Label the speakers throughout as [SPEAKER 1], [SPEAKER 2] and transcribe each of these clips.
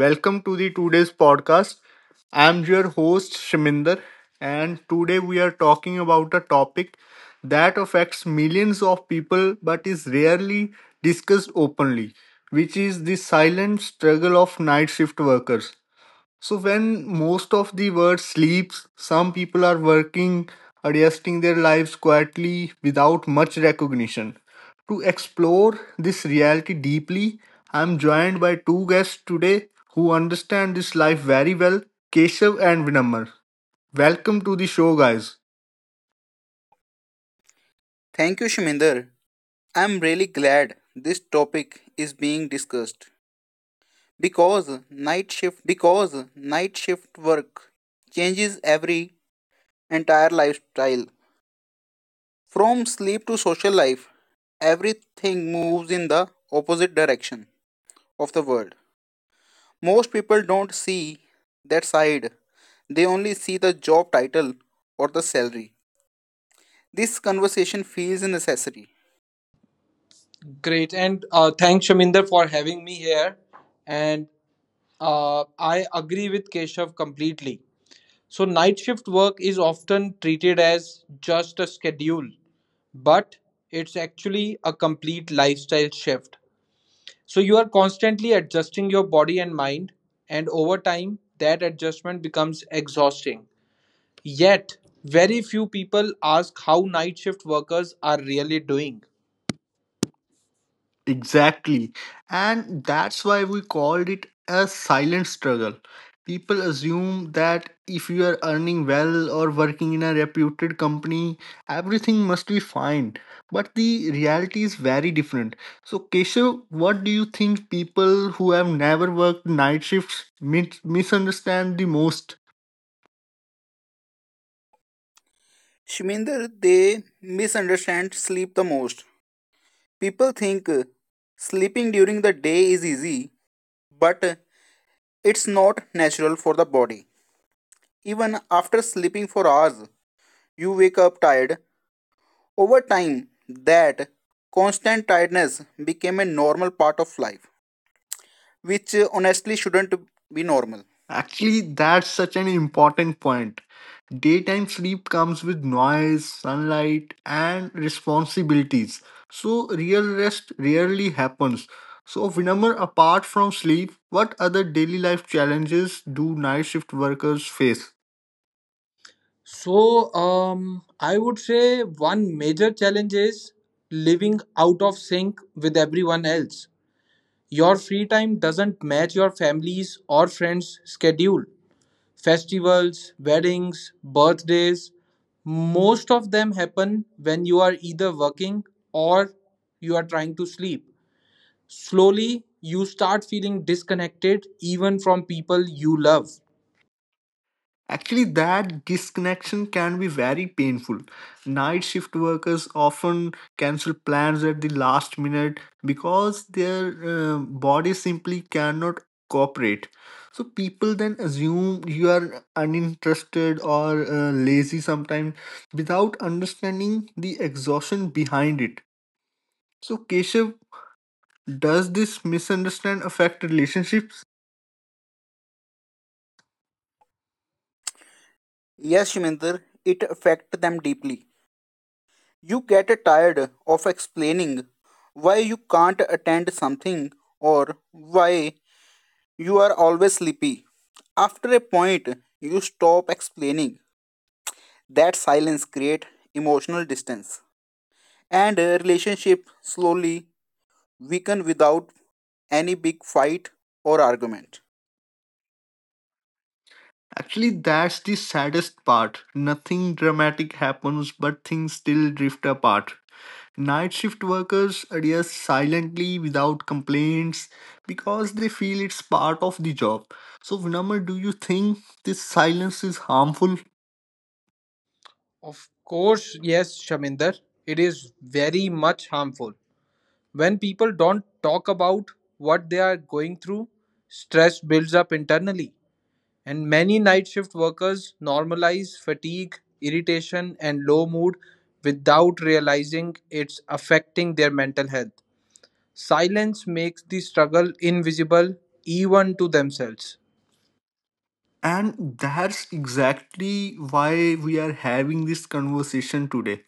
[SPEAKER 1] Welcome to the today's podcast. I'm your host Shaminder and today we are talking about a topic that affects millions of people but is rarely discussed openly, which is the silent struggle of night shift workers. So when most of the world sleeps, some people are working, adjusting their lives quietly without much recognition. To explore this reality deeply, I am joined by two guests today who understand this life very well, Keshav and Vinamar. Welcome to the show, guys.
[SPEAKER 2] Thank you, Shiminder. I'm really glad this topic is being discussed because night shift work changes every entire lifestyle. From sleep to social life, everything moves in the opposite direction of the world. Most people don't see that side, they only see the job title or the salary. This conversation feels necessary.
[SPEAKER 3] Great, and thanks Shaminder for having me here. And I agree with Keshav completely. So, night shift work is often treated as just a schedule, but it's actually a complete lifestyle shift. So, you are constantly adjusting your body and mind, and over time, that adjustment becomes exhausting. Yet, very few people ask how night shift workers are really doing.
[SPEAKER 1] Exactly. And that's why we called it a silent struggle. People assume that if you are earning well or working in a reputed company, everything must be fine. But the reality is very different. So, Keshav, what do you think people who have never worked night shifts misunderstand the most?
[SPEAKER 2] Shminder, they misunderstand sleep the most. People think sleeping during the day is easy, but it's not natural for the body. Even after sleeping for hours, you wake up tired. Over time, that constant tiredness became a normal part of life, which honestly shouldn't be normal.
[SPEAKER 1] Actually, that's such an important point. Daytime sleep comes with noise, sunlight, and responsibilities. So, real rest rarely happens. So, Vinamar, apart from sleep, what other daily life challenges do night shift workers face?
[SPEAKER 3] So, I would say one major challenge is living out of sync with everyone else. Your free time doesn't match your family's or friends' schedule. Festivals, weddings, birthdays, most of them happen when you are either working or you are trying to sleep. Slowly, you start feeling disconnected even from people you love.
[SPEAKER 1] Actually, that disconnection can be very painful. Night shift workers often cancel plans at the last minute because their body simply cannot cooperate. So, people then assume you are uninterested or lazy sometimes without understanding the exhaustion behind it. So, Keshav, does this misunderstand affect relationships?
[SPEAKER 2] Yes, Shiminder, it affects them deeply. You get tired of explaining why you can't attend something or why you are always sleepy. After a point, you stop explaining. That silence creates emotional distance. And a relationship slowly weaken without any big fight or argument.
[SPEAKER 1] Actually, that's the saddest part. Nothing dramatic happens, but things still drift apart. Night shift workers adhere silently without complaints because they feel it's part of the job. So, Vinamar, do you think this silence is harmful?
[SPEAKER 3] Of course, yes, Shaminder. It is very much harmful. When people don't talk about what they are going through, stress builds up internally. And many night shift workers normalize fatigue, irritation, and low mood without realizing it's affecting their mental health. Silence makes the struggle invisible even to themselves.
[SPEAKER 1] And that's exactly why we are having this conversation today,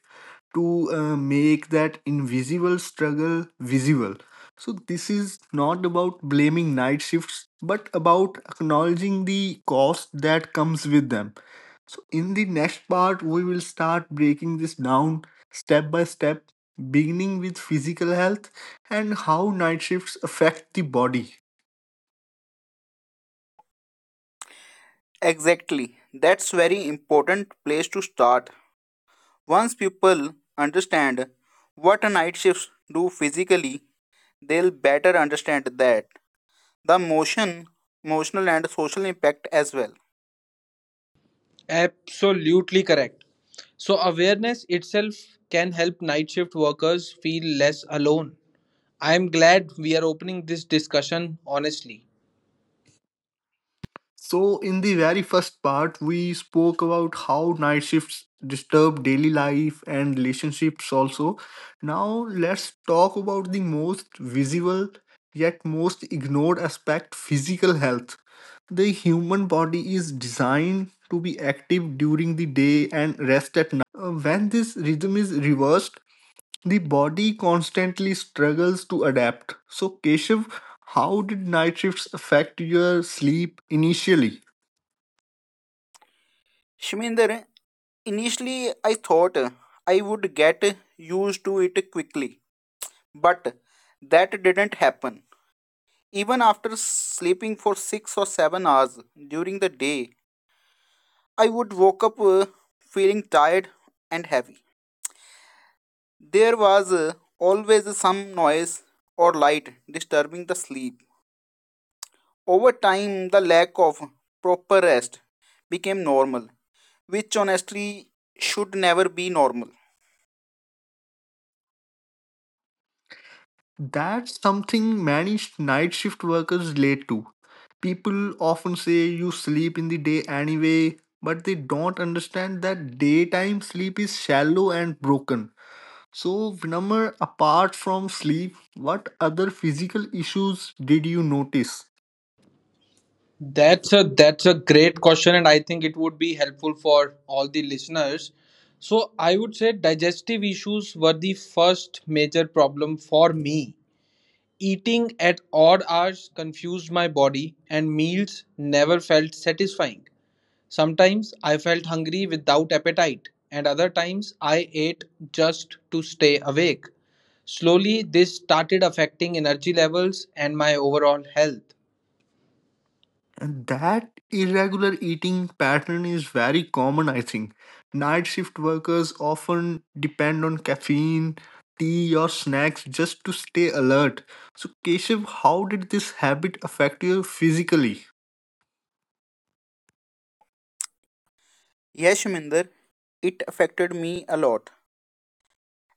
[SPEAKER 1] to make that invisible struggle visible. So, this is not about blaming night shifts, but about acknowledging the cost that comes with them. So, in the next part, we will start breaking this down step by step, beginning with physical health and how night shifts affect the body.
[SPEAKER 2] Exactly. That's very important place to start. Once people understand what night shifts do physically, they'll better understand that the motion, emotional and social impact as well.
[SPEAKER 3] Absolutely correct. So, awareness itself can help night shift workers feel less alone. I am glad we are opening this discussion honestly.
[SPEAKER 1] So, in the very first part, we spoke about how night shifts disturb daily life and relationships also. Now, let's talk about the most visible yet most ignored aspect, physical health. The human body is designed to be active during the day and rest at night. When this rhythm is reversed, the body constantly struggles to adapt. So, Keshav, how did night shifts affect your sleep initially?
[SPEAKER 2] Shminder, initially I thought I would get used to it quickly, but that didn't happen. Even after sleeping for 6 or 7 hours during the day, I would woke up feeling tired and heavy. There was always some noise or light disturbing the sleep. Over time, the lack of proper rest became normal, which honestly should never be normal.
[SPEAKER 1] That's something many night shift workers relate to. People often say you sleep in the day anyway, but they don't understand that daytime sleep is shallow and broken. So, Vinamr, apart from sleep, what other physical issues did you notice?
[SPEAKER 3] That's a great question, and I think it would be helpful for all the listeners. So I would say digestive issues were the first major problem for me. Eating at odd hours confused my body and meals never felt satisfying. Sometimes I felt hungry without appetite, and other times I ate just to stay awake. Slowly, this started affecting energy levels and my overall health.
[SPEAKER 1] And that irregular eating pattern is very common, I think. Night shift workers often depend on caffeine, tea, or snacks just to stay alert. So, Keshav, how did this habit affect you physically?
[SPEAKER 2] Yes, Shuminder, it affected me a lot.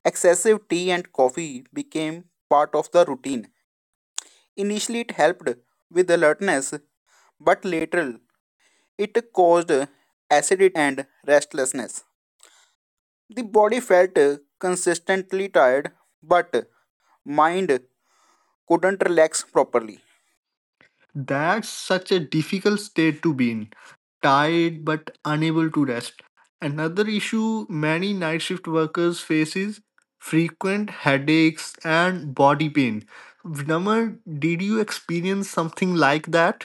[SPEAKER 2] Excessive tea and coffee became part of the routine. Initially, it helped with alertness, but later it caused acidity and restlessness. The body felt consistently tired, but mind couldn't relax properly.
[SPEAKER 1] That's such a difficult state to be in, tired but unable to rest. Another issue many night shift workers face is frequent headaches and body pain. Vinamar, did you experience something like that?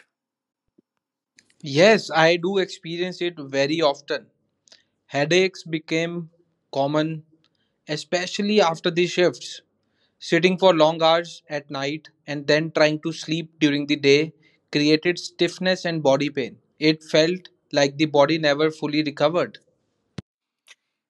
[SPEAKER 3] Yes, I do experience it very often. Headaches became common, especially after the shifts. Sitting for long hours at night and then trying to sleep during the day created stiffness and body pain. It felt like the body never fully recovered.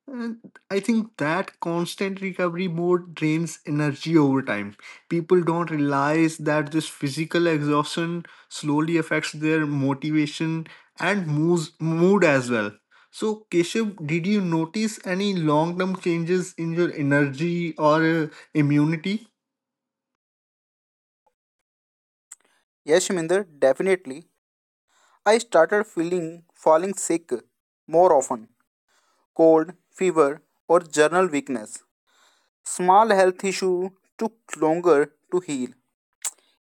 [SPEAKER 1] And I think that constant recovery mode drains energy over time. People don't realize that this physical exhaustion slowly affects their motivation and moves mood as well. So, Keshav, did you notice any long term changes in your energy or immunity?
[SPEAKER 2] Yes, Shuminder, definitely. I started feeling falling sick more often, cold, fever, or general weakness. Small health issue took longer to heal.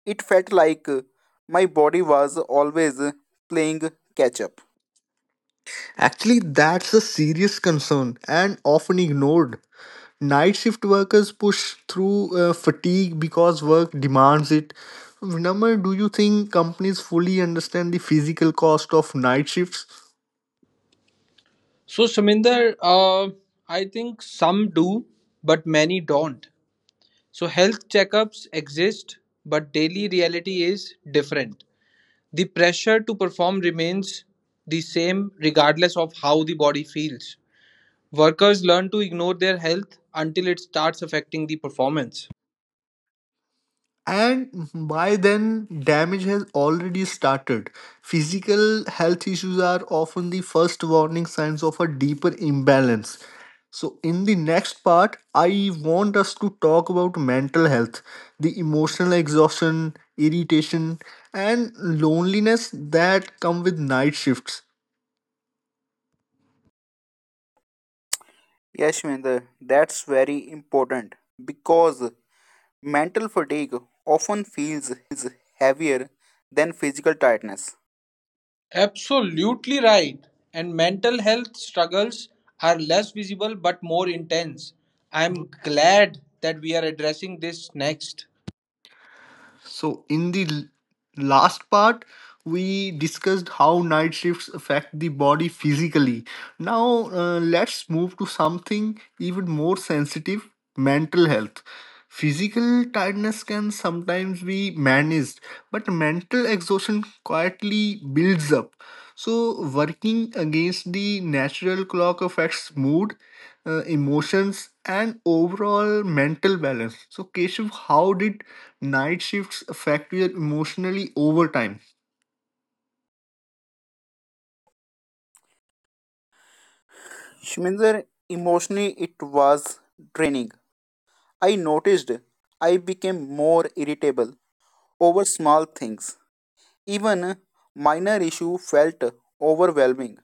[SPEAKER 2] It felt like my body was always playing catch up.
[SPEAKER 1] Actually, that's a serious concern and often ignored. Night shift workers push through fatigue because work demands it. Number, do you think companies fully understand the physical cost of night shifts?
[SPEAKER 3] So, Shaminder, I think some do, but many don't. So, health checkups exist, but daily reality is different. The pressure to perform remains the same regardless of how the body feels. Workers learn to ignore their health until it starts affecting the performance.
[SPEAKER 1] And by then, damage has already started. Physical health issues are often the first warning signs of a deeper imbalance. So, in the next part, I want us to talk about mental health, the emotional exhaustion, irritation, and loneliness that come with night shifts.
[SPEAKER 2] Yes, Shminder, that's very important because mental fatigue often feels heavier than physical tiredness.
[SPEAKER 3] Absolutely right. And mental health struggles are less visible but more intense. I'm glad that we are addressing this next.
[SPEAKER 1] So, in the last part, we discussed how night shifts affect the body physically. Now, let's move to something even more sensitive, mental health. Physical tiredness can sometimes be managed, but mental exhaustion quietly builds up. So, working against the natural clock affects mood, emotions and overall mental balance. So, Keshav, how did night shifts affect you emotionally over time?
[SPEAKER 2] Shminder, emotionally it was draining. I noticed I became more irritable over small things. Even minor issue felt overwhelming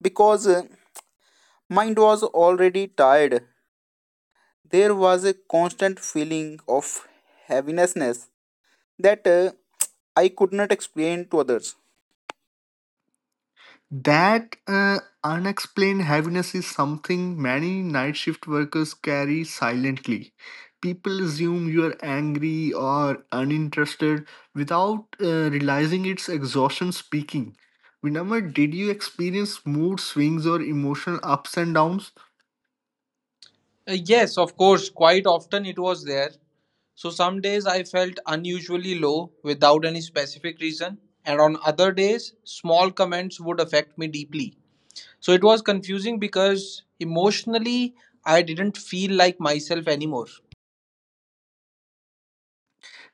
[SPEAKER 2] because mind was already tired. There was a constant feeling of heaviness that I could not explain to others.
[SPEAKER 1] That unexplained heaviness is something many night shift workers carry silently. People assume you are angry or uninterested without realizing it's exhaustion speaking. Vinamar, did you experience mood swings or emotional ups and downs?
[SPEAKER 3] Yes, of course, quite often it was there. So some days I felt unusually low without any specific reason, and on other days, small comments would affect me deeply. So it was confusing because emotionally I didn't feel like myself anymore.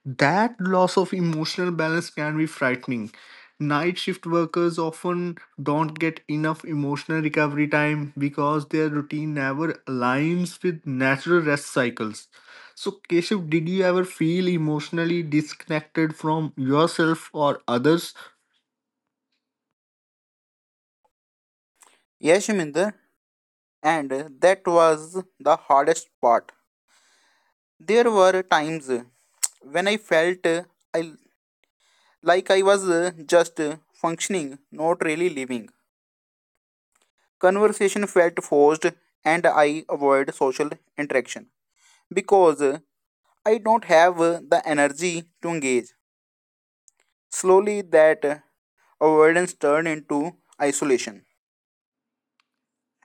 [SPEAKER 1] That loss of emotional balance can be frightening. Night shift workers often don't get enough emotional recovery time because their routine never aligns with natural rest cycles. So, Keshav, did you ever feel emotionally disconnected from yourself or others?
[SPEAKER 2] Yes, Shiminder, and that was the hardest part. There were times when I felt I, like I was just functioning, not really living. Conversation felt forced, and I avoid social interaction because I don't have the energy to engage. Slowly, that avoidance turned into isolation.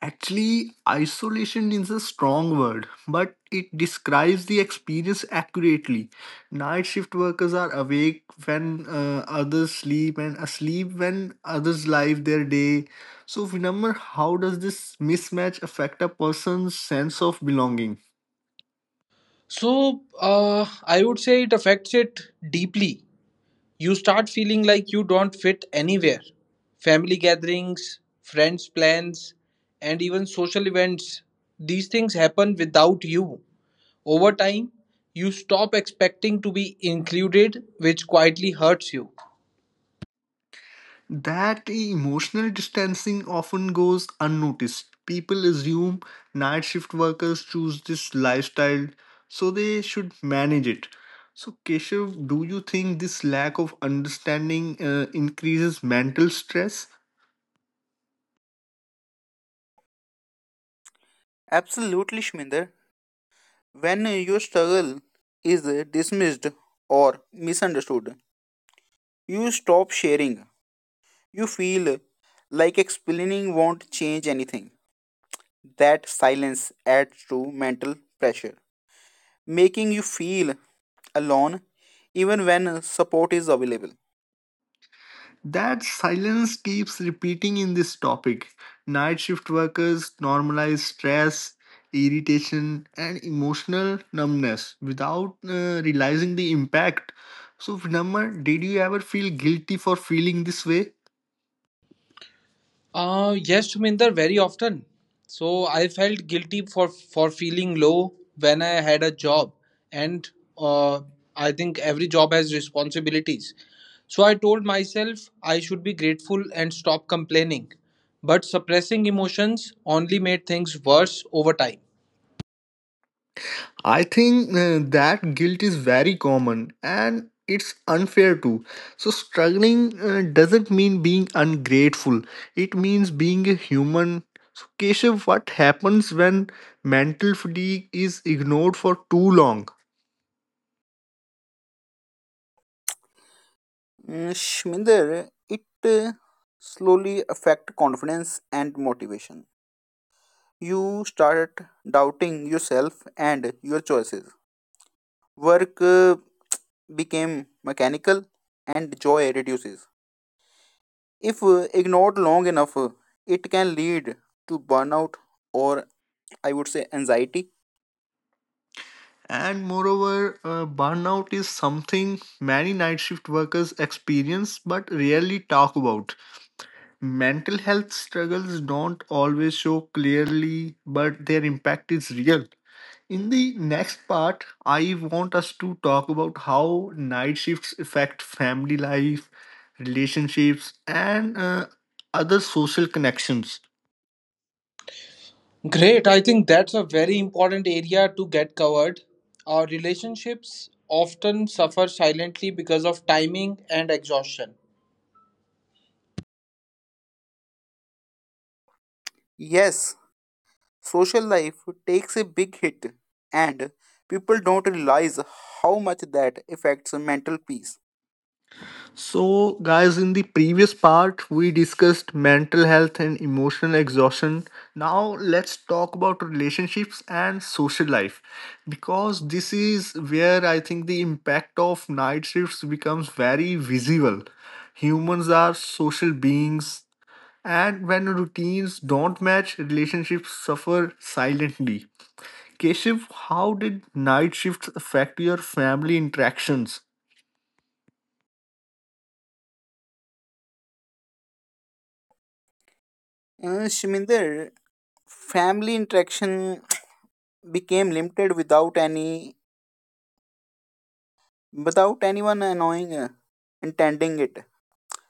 [SPEAKER 1] Actually, isolation is a strong word, but it describes the experience accurately. Night shift workers are awake when others sleep and asleep when others live their day. So, Vinamr, how does this mismatch affect a person's sense of belonging?
[SPEAKER 3] So I would say it affects it deeply. You start feeling like you don't fit anywhere. Family gatherings, friends' plans, and even social events, these things happen without you. Over time, you stop expecting to be included, which quietly hurts you.
[SPEAKER 1] That emotional distancing often goes unnoticed. People assume night shift workers choose this lifestyle, so they should manage it. So, Keshav, do you think this lack of understanding increases mental stress?
[SPEAKER 2] Absolutely, Shminder. When your struggle is dismissed or misunderstood, you stop sharing. You feel like explaining won't change anything. That silence adds to mental pressure, making you feel alone even when support is available.
[SPEAKER 1] That silence keeps repeating in this topic. Night shift workers normalize stress, irritation, and emotional numbness without realizing the impact. So, Vinamma, did you ever feel guilty for feeling this way?
[SPEAKER 3] Yes, Shuminder, very often. So I felt guilty for feeling low when I had a job, and uh, I think every job has responsibilities. So I told myself I should be grateful and stop complaining. But suppressing emotions only made things worse over time.
[SPEAKER 1] I think that guilt is very common and it's unfair too. So, struggling doesn't mean being ungrateful, it means being a human. So, Keshav, what happens when mental fatigue is ignored for too long?
[SPEAKER 2] Mm, Shminder, it slowly affect confidence and motivation. You start doubting yourself and your choices. Work became mechanical and joy reduces. If ignored long enough, it can lead to burnout or I would say anxiety.
[SPEAKER 1] And moreover, burnout is something many night shift workers experience but rarely talk about. Mental health struggles don't always show clearly, but their impact is real. In the next part, I want us to talk about how night shifts affect family life, relationships, and other social connections.
[SPEAKER 3] Great. I think that's a very important area to get covered. Our relationships often suffer silently because of timing and exhaustion.
[SPEAKER 2] Yes, social life takes a big hit and people don't realize how much that affects mental peace.
[SPEAKER 1] So, guys, in the previous part, we discussed mental health and emotional exhaustion. Now, let's talk about relationships and social life because this is where I think the impact of night shifts becomes very visible. Humans are social beings, and when routines don't match, relationships suffer silently. Keshav, how did night shifts affect your family interactions?
[SPEAKER 2] Shminder, family interaction became limited without any without anyone annoying intending it.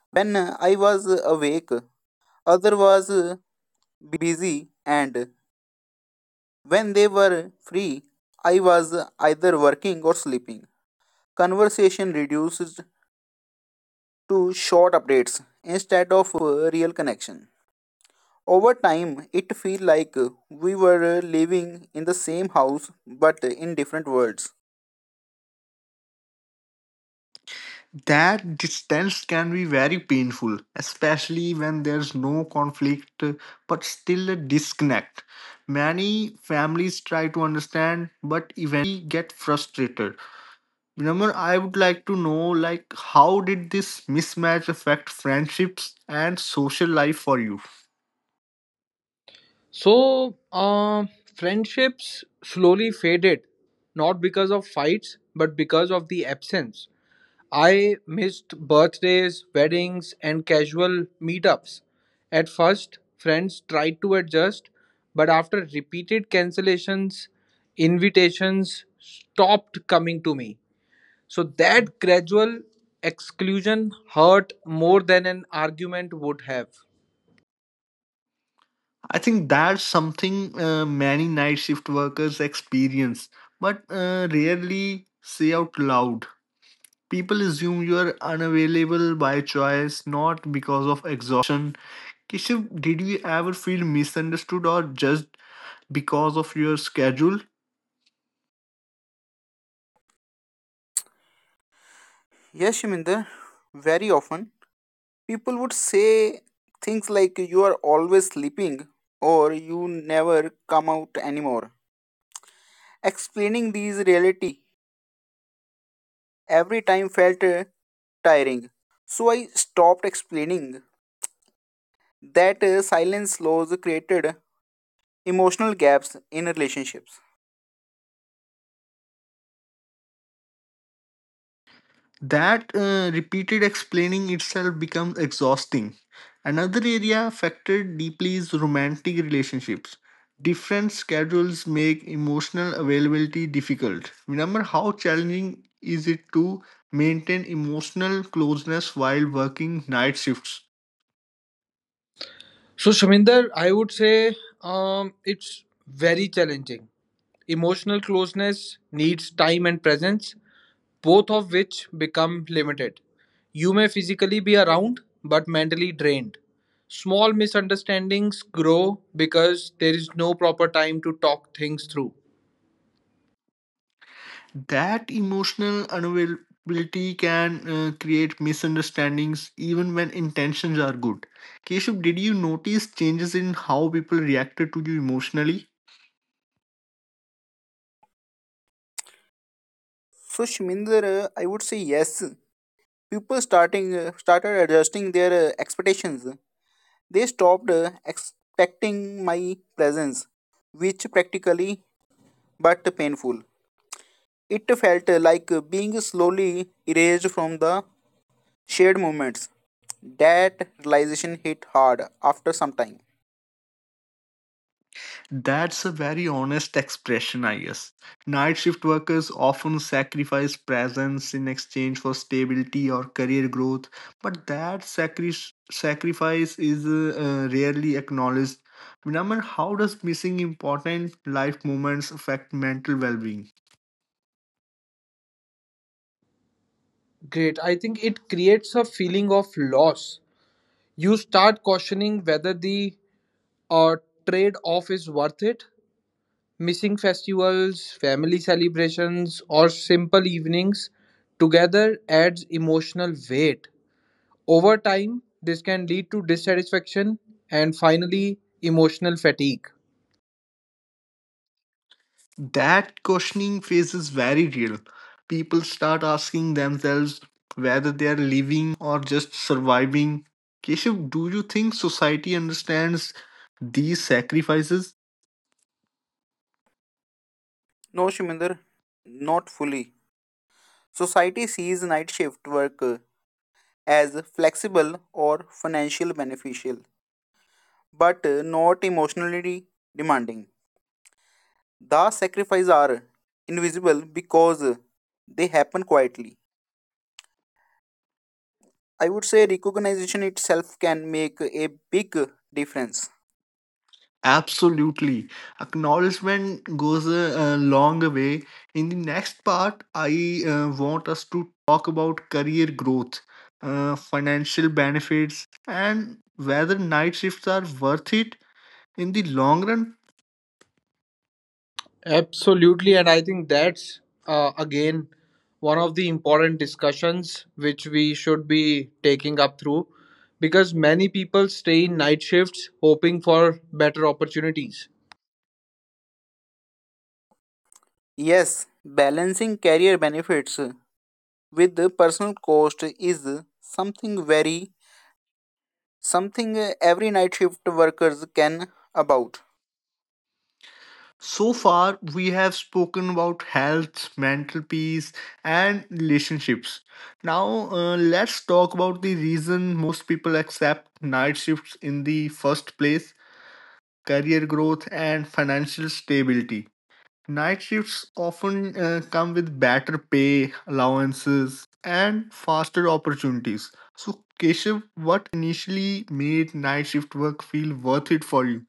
[SPEAKER 2] When I was awake, other was busy, and when they were free, I was either working or sleeping. Conversation reduced to short updates instead of real connection. Over time, it feel like we were living in the same house but in different worlds.
[SPEAKER 1] That distance can be very painful, especially when there's no conflict but still a disconnect. Many families try to understand but eventually get frustrated. Number, I would like to know like how did this mismatch affect friendships and social life for you?
[SPEAKER 3] So, friendships slowly faded, not because of fights, but because of the absence. I missed birthdays, weddings, and casual meetups. At first, friends tried to adjust, but after repeated cancellations, invitations stopped coming to me. So, that gradual exclusion hurt more than an argument would have.
[SPEAKER 1] I think that's something many night shift workers experience, but rarely say out loud. People assume you are unavailable by choice, not because of exhaustion. Kishiv, did you ever feel misunderstood or judged because of your schedule?
[SPEAKER 2] Yes, Shiminder, very often people would say things like, "You are always sleeping," or "You never come out anymore." Explaining these reality every time felt tiring. So I stopped explaining that silence laws created emotional gaps in relationships.
[SPEAKER 1] That repeated explaining itself becomes exhausting. Another area affected deeply is romantic relationships. Different schedules make emotional availability difficult. Remember how challenging is it to maintain emotional closeness while working night shifts?
[SPEAKER 3] So, Shaminder, I would say it's very challenging. Emotional closeness needs time and presence, both of which become limited. You may physically be around, but mentally drained. Small misunderstandings grow because there is no proper time to talk things through.
[SPEAKER 1] That emotional unavailability can create misunderstandings even when intentions are good. Keshav, did you notice changes in how people reacted to you emotionally?
[SPEAKER 2] So Shminder, I would say yes. People starting started adjusting their expectations. They stopped expecting my presence, which practically but painful. It felt like being slowly erased from the shared moments. That realization hit hard after some time.
[SPEAKER 1] That's a very honest expression, I guess. Night shift workers often sacrifice presence in exchange for stability or career growth, but that sacrifice is rarely acknowledged. Remember, how does missing important life moments affect mental well being?
[SPEAKER 3] Great. I think it creates a feeling of loss. You start questioning whether the uh, trade off is worth it. Missing festivals, family celebrations, or simple evenings together adds emotional weight. Over time, this can lead to dissatisfaction and finally emotional fatigue.
[SPEAKER 1] That questioning phase is very real. People start asking themselves whether they are living or just surviving. Keshav, do you think society understands these sacrifices?
[SPEAKER 2] No, Shiminder, not fully. Society sees night shift work as flexible or financially beneficial, but not emotionally demanding. The sacrifices are invisible because they happen quietly. I would say recognition itself can make a big difference.
[SPEAKER 1] Absolutely. Acknowledgement goes a long way. In the next part, I want us to talk about career growth, financial benefits, and whether night shifts are worth it in the long run.
[SPEAKER 3] Absolutely, and I think that's again one of the important discussions which we should be taking up through, because many people stay in night shifts hoping for better opportunities.
[SPEAKER 2] Yes, balancing career benefits with the personal cost is something very something every night shift workers can about.
[SPEAKER 1] So far, we have spoken about health, mental peace, and relationships. Now, let's talk about the reason most people accept night shifts in the first place, career growth and financial stability. Night shifts often come with better pay, allowances, and faster opportunities. So, Keshav, what initially made night shift work feel worth it for you?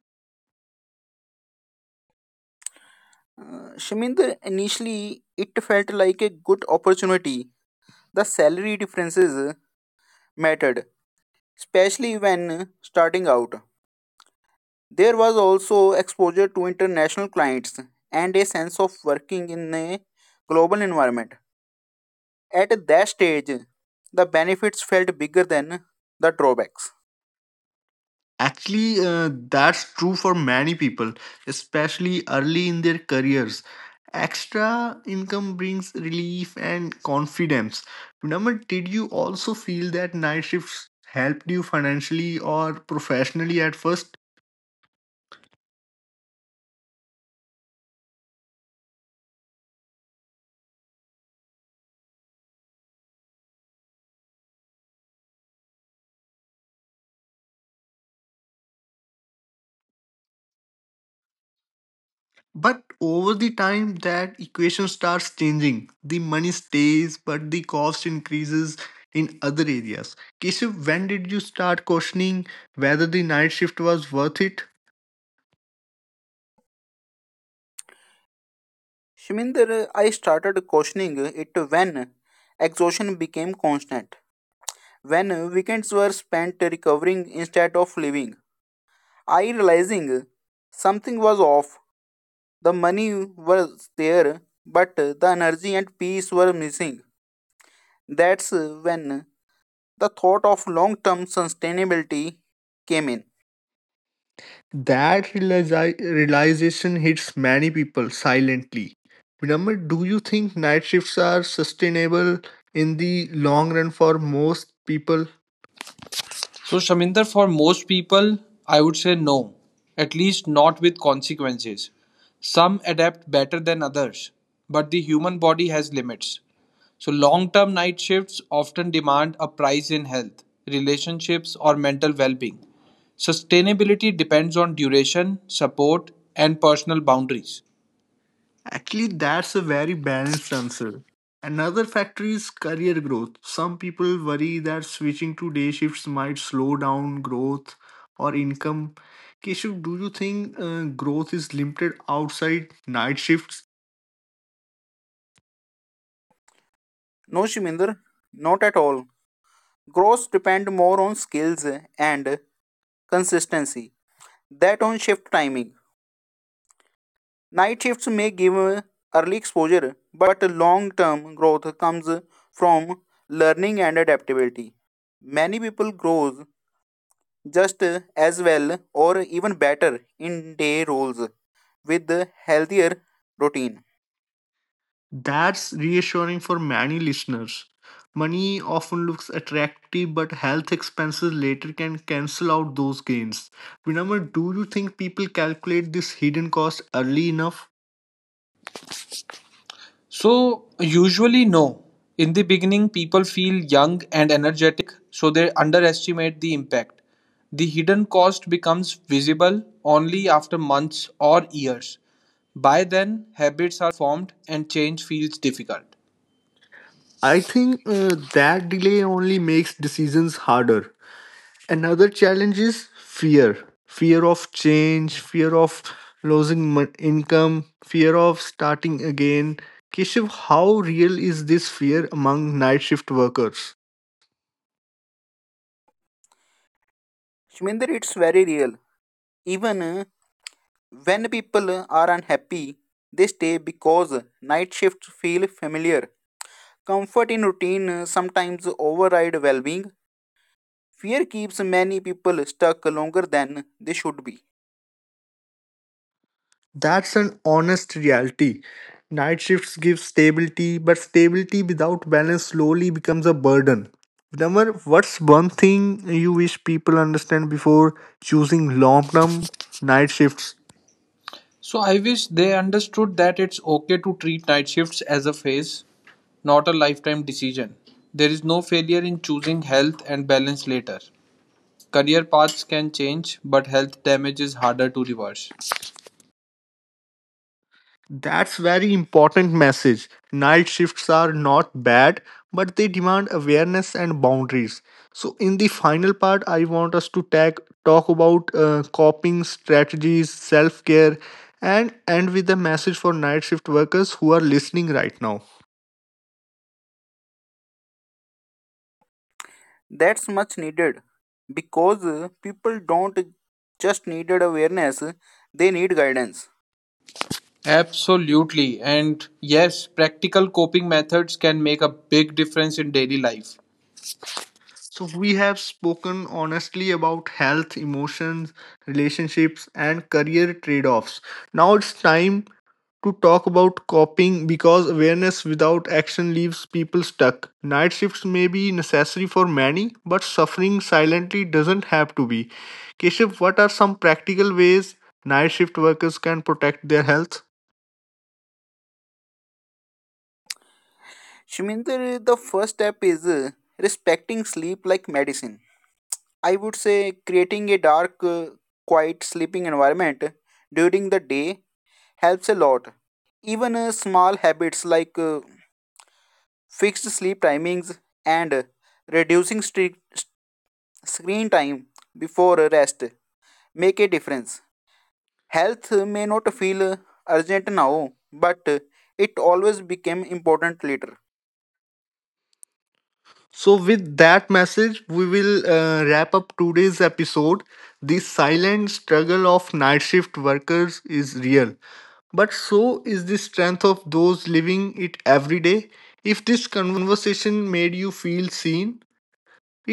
[SPEAKER 2] Shamind, initially it felt like a good opportunity. The salary differences mattered, especially when starting out. There was also exposure to international clients and a sense of working in a global environment. At that stage, the benefits felt bigger than the drawbacks.
[SPEAKER 1] Actually, that's true for many people, especially early in their careers. Extra income brings relief and confidence. Naman, did you also feel that night shifts helped you financially or professionally at first? But over the time, that equation starts changing. The money stays, but the cost increases in other areas. Keshav, when did you start questioning whether the night shift was worth it?
[SPEAKER 2] Shminder, I started questioning it when exhaustion became constant. When weekends were spent recovering instead of living, I realizing something was off. The money was there, but the energy and peace were missing. That's when the thought of long-term sustainability came in.
[SPEAKER 1] That realization hits many people silently. Vinamr, do you think night shifts are sustainable in the long run for most people?
[SPEAKER 4] So, Shaminder, for most people, I would say no, at least not with consequences. Some adapt better than others, but the human body has limits. So, long term night shifts often demand a price in health, relationships, or mental well being. Sustainability depends on duration, support, and personal boundaries.
[SPEAKER 1] Actually, that's a very balanced answer. Another factor is career growth. Some people worry that switching to day shifts might slow down growth or income. Keshav, do you think growth is limited outside night shifts?
[SPEAKER 2] No, Shminder, not at all. Growth depend more on skills and consistency than on shift timing. Night shifts may give early exposure, but long-term growth comes from learning and adaptability. Many people grow just as well or even better in day roles with a healthier routine.
[SPEAKER 1] That's reassuring for many listeners. Money often looks attractive, but health expenses later can cancel out those gains. Remember, do you think people calculate this hidden cost early enough?
[SPEAKER 4] So, usually, no. In the beginning, people feel young and energetic, so they underestimate the impact. The hidden cost becomes visible only after months or years. By then, habits are formed and change feels difficult.
[SPEAKER 1] I think that delay only makes decisions harder. Another challenge is fear of change, fear of losing income, fear of starting again. Keshav, how real is this fear among night shift workers?
[SPEAKER 2] Shminder, it's very real. Even when people are unhappy, they stay because night shifts feel familiar. Comfort in routine sometimes override well-being. Fear keeps many people stuck longer than they should be.
[SPEAKER 1] That's an honest reality. Night shifts give stability, but stability without balance slowly becomes a burden. Number, what's one thing you wish people understand before choosing long term night shifts?
[SPEAKER 4] So, I wish they understood that it's okay to treat night shifts as a phase, not a lifetime decision. There is no failure in choosing health and balance later. Career paths can change, but health damage is harder to reverse.
[SPEAKER 1] That's very important message. Night shifts are not bad, but they demand awareness and boundaries. So in the final part, I want us to talk about coping strategies, self-care, and end with a message for night shift workers who are listening right now.
[SPEAKER 2] That's much needed because people don't just needed awareness, they need guidance.
[SPEAKER 4] Absolutely. And yes, practical coping methods can make a big difference in daily life.
[SPEAKER 1] So we have spoken honestly about health, emotions, relationships, and career trade-offs. Now it's time to talk about coping because awareness without action leaves people stuck. Night shifts may be necessary for many, but suffering silently doesn't have to be. Keshav, what are some practical ways night shift workers can protect their health?
[SPEAKER 2] Shminder, the first step is respecting sleep like medicine. I would say creating a dark, quiet sleeping environment during the day helps a lot. Even small habits like fixed sleep timings, and reducing screen time before rest make a difference. Health may not feel urgent now, but it always became important later.
[SPEAKER 1] So, with that message, we will wrap up today's episode. The silent struggle of night shift workers is real, but so is the strength of those living it every day. If this conversation made you feel seen,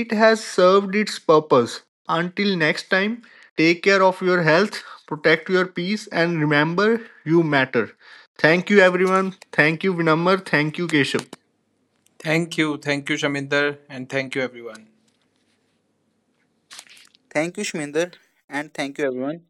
[SPEAKER 1] it has served its purpose. Until next time, take care of your health, protect your peace, and remember you matter. Thank you, everyone. Thank you, Vinamr. Thank you, Keshav.
[SPEAKER 4] Thank you. Thank you, Shaminder. And thank you, everyone.
[SPEAKER 2] Thank you, Shminder, and thank you, everyone.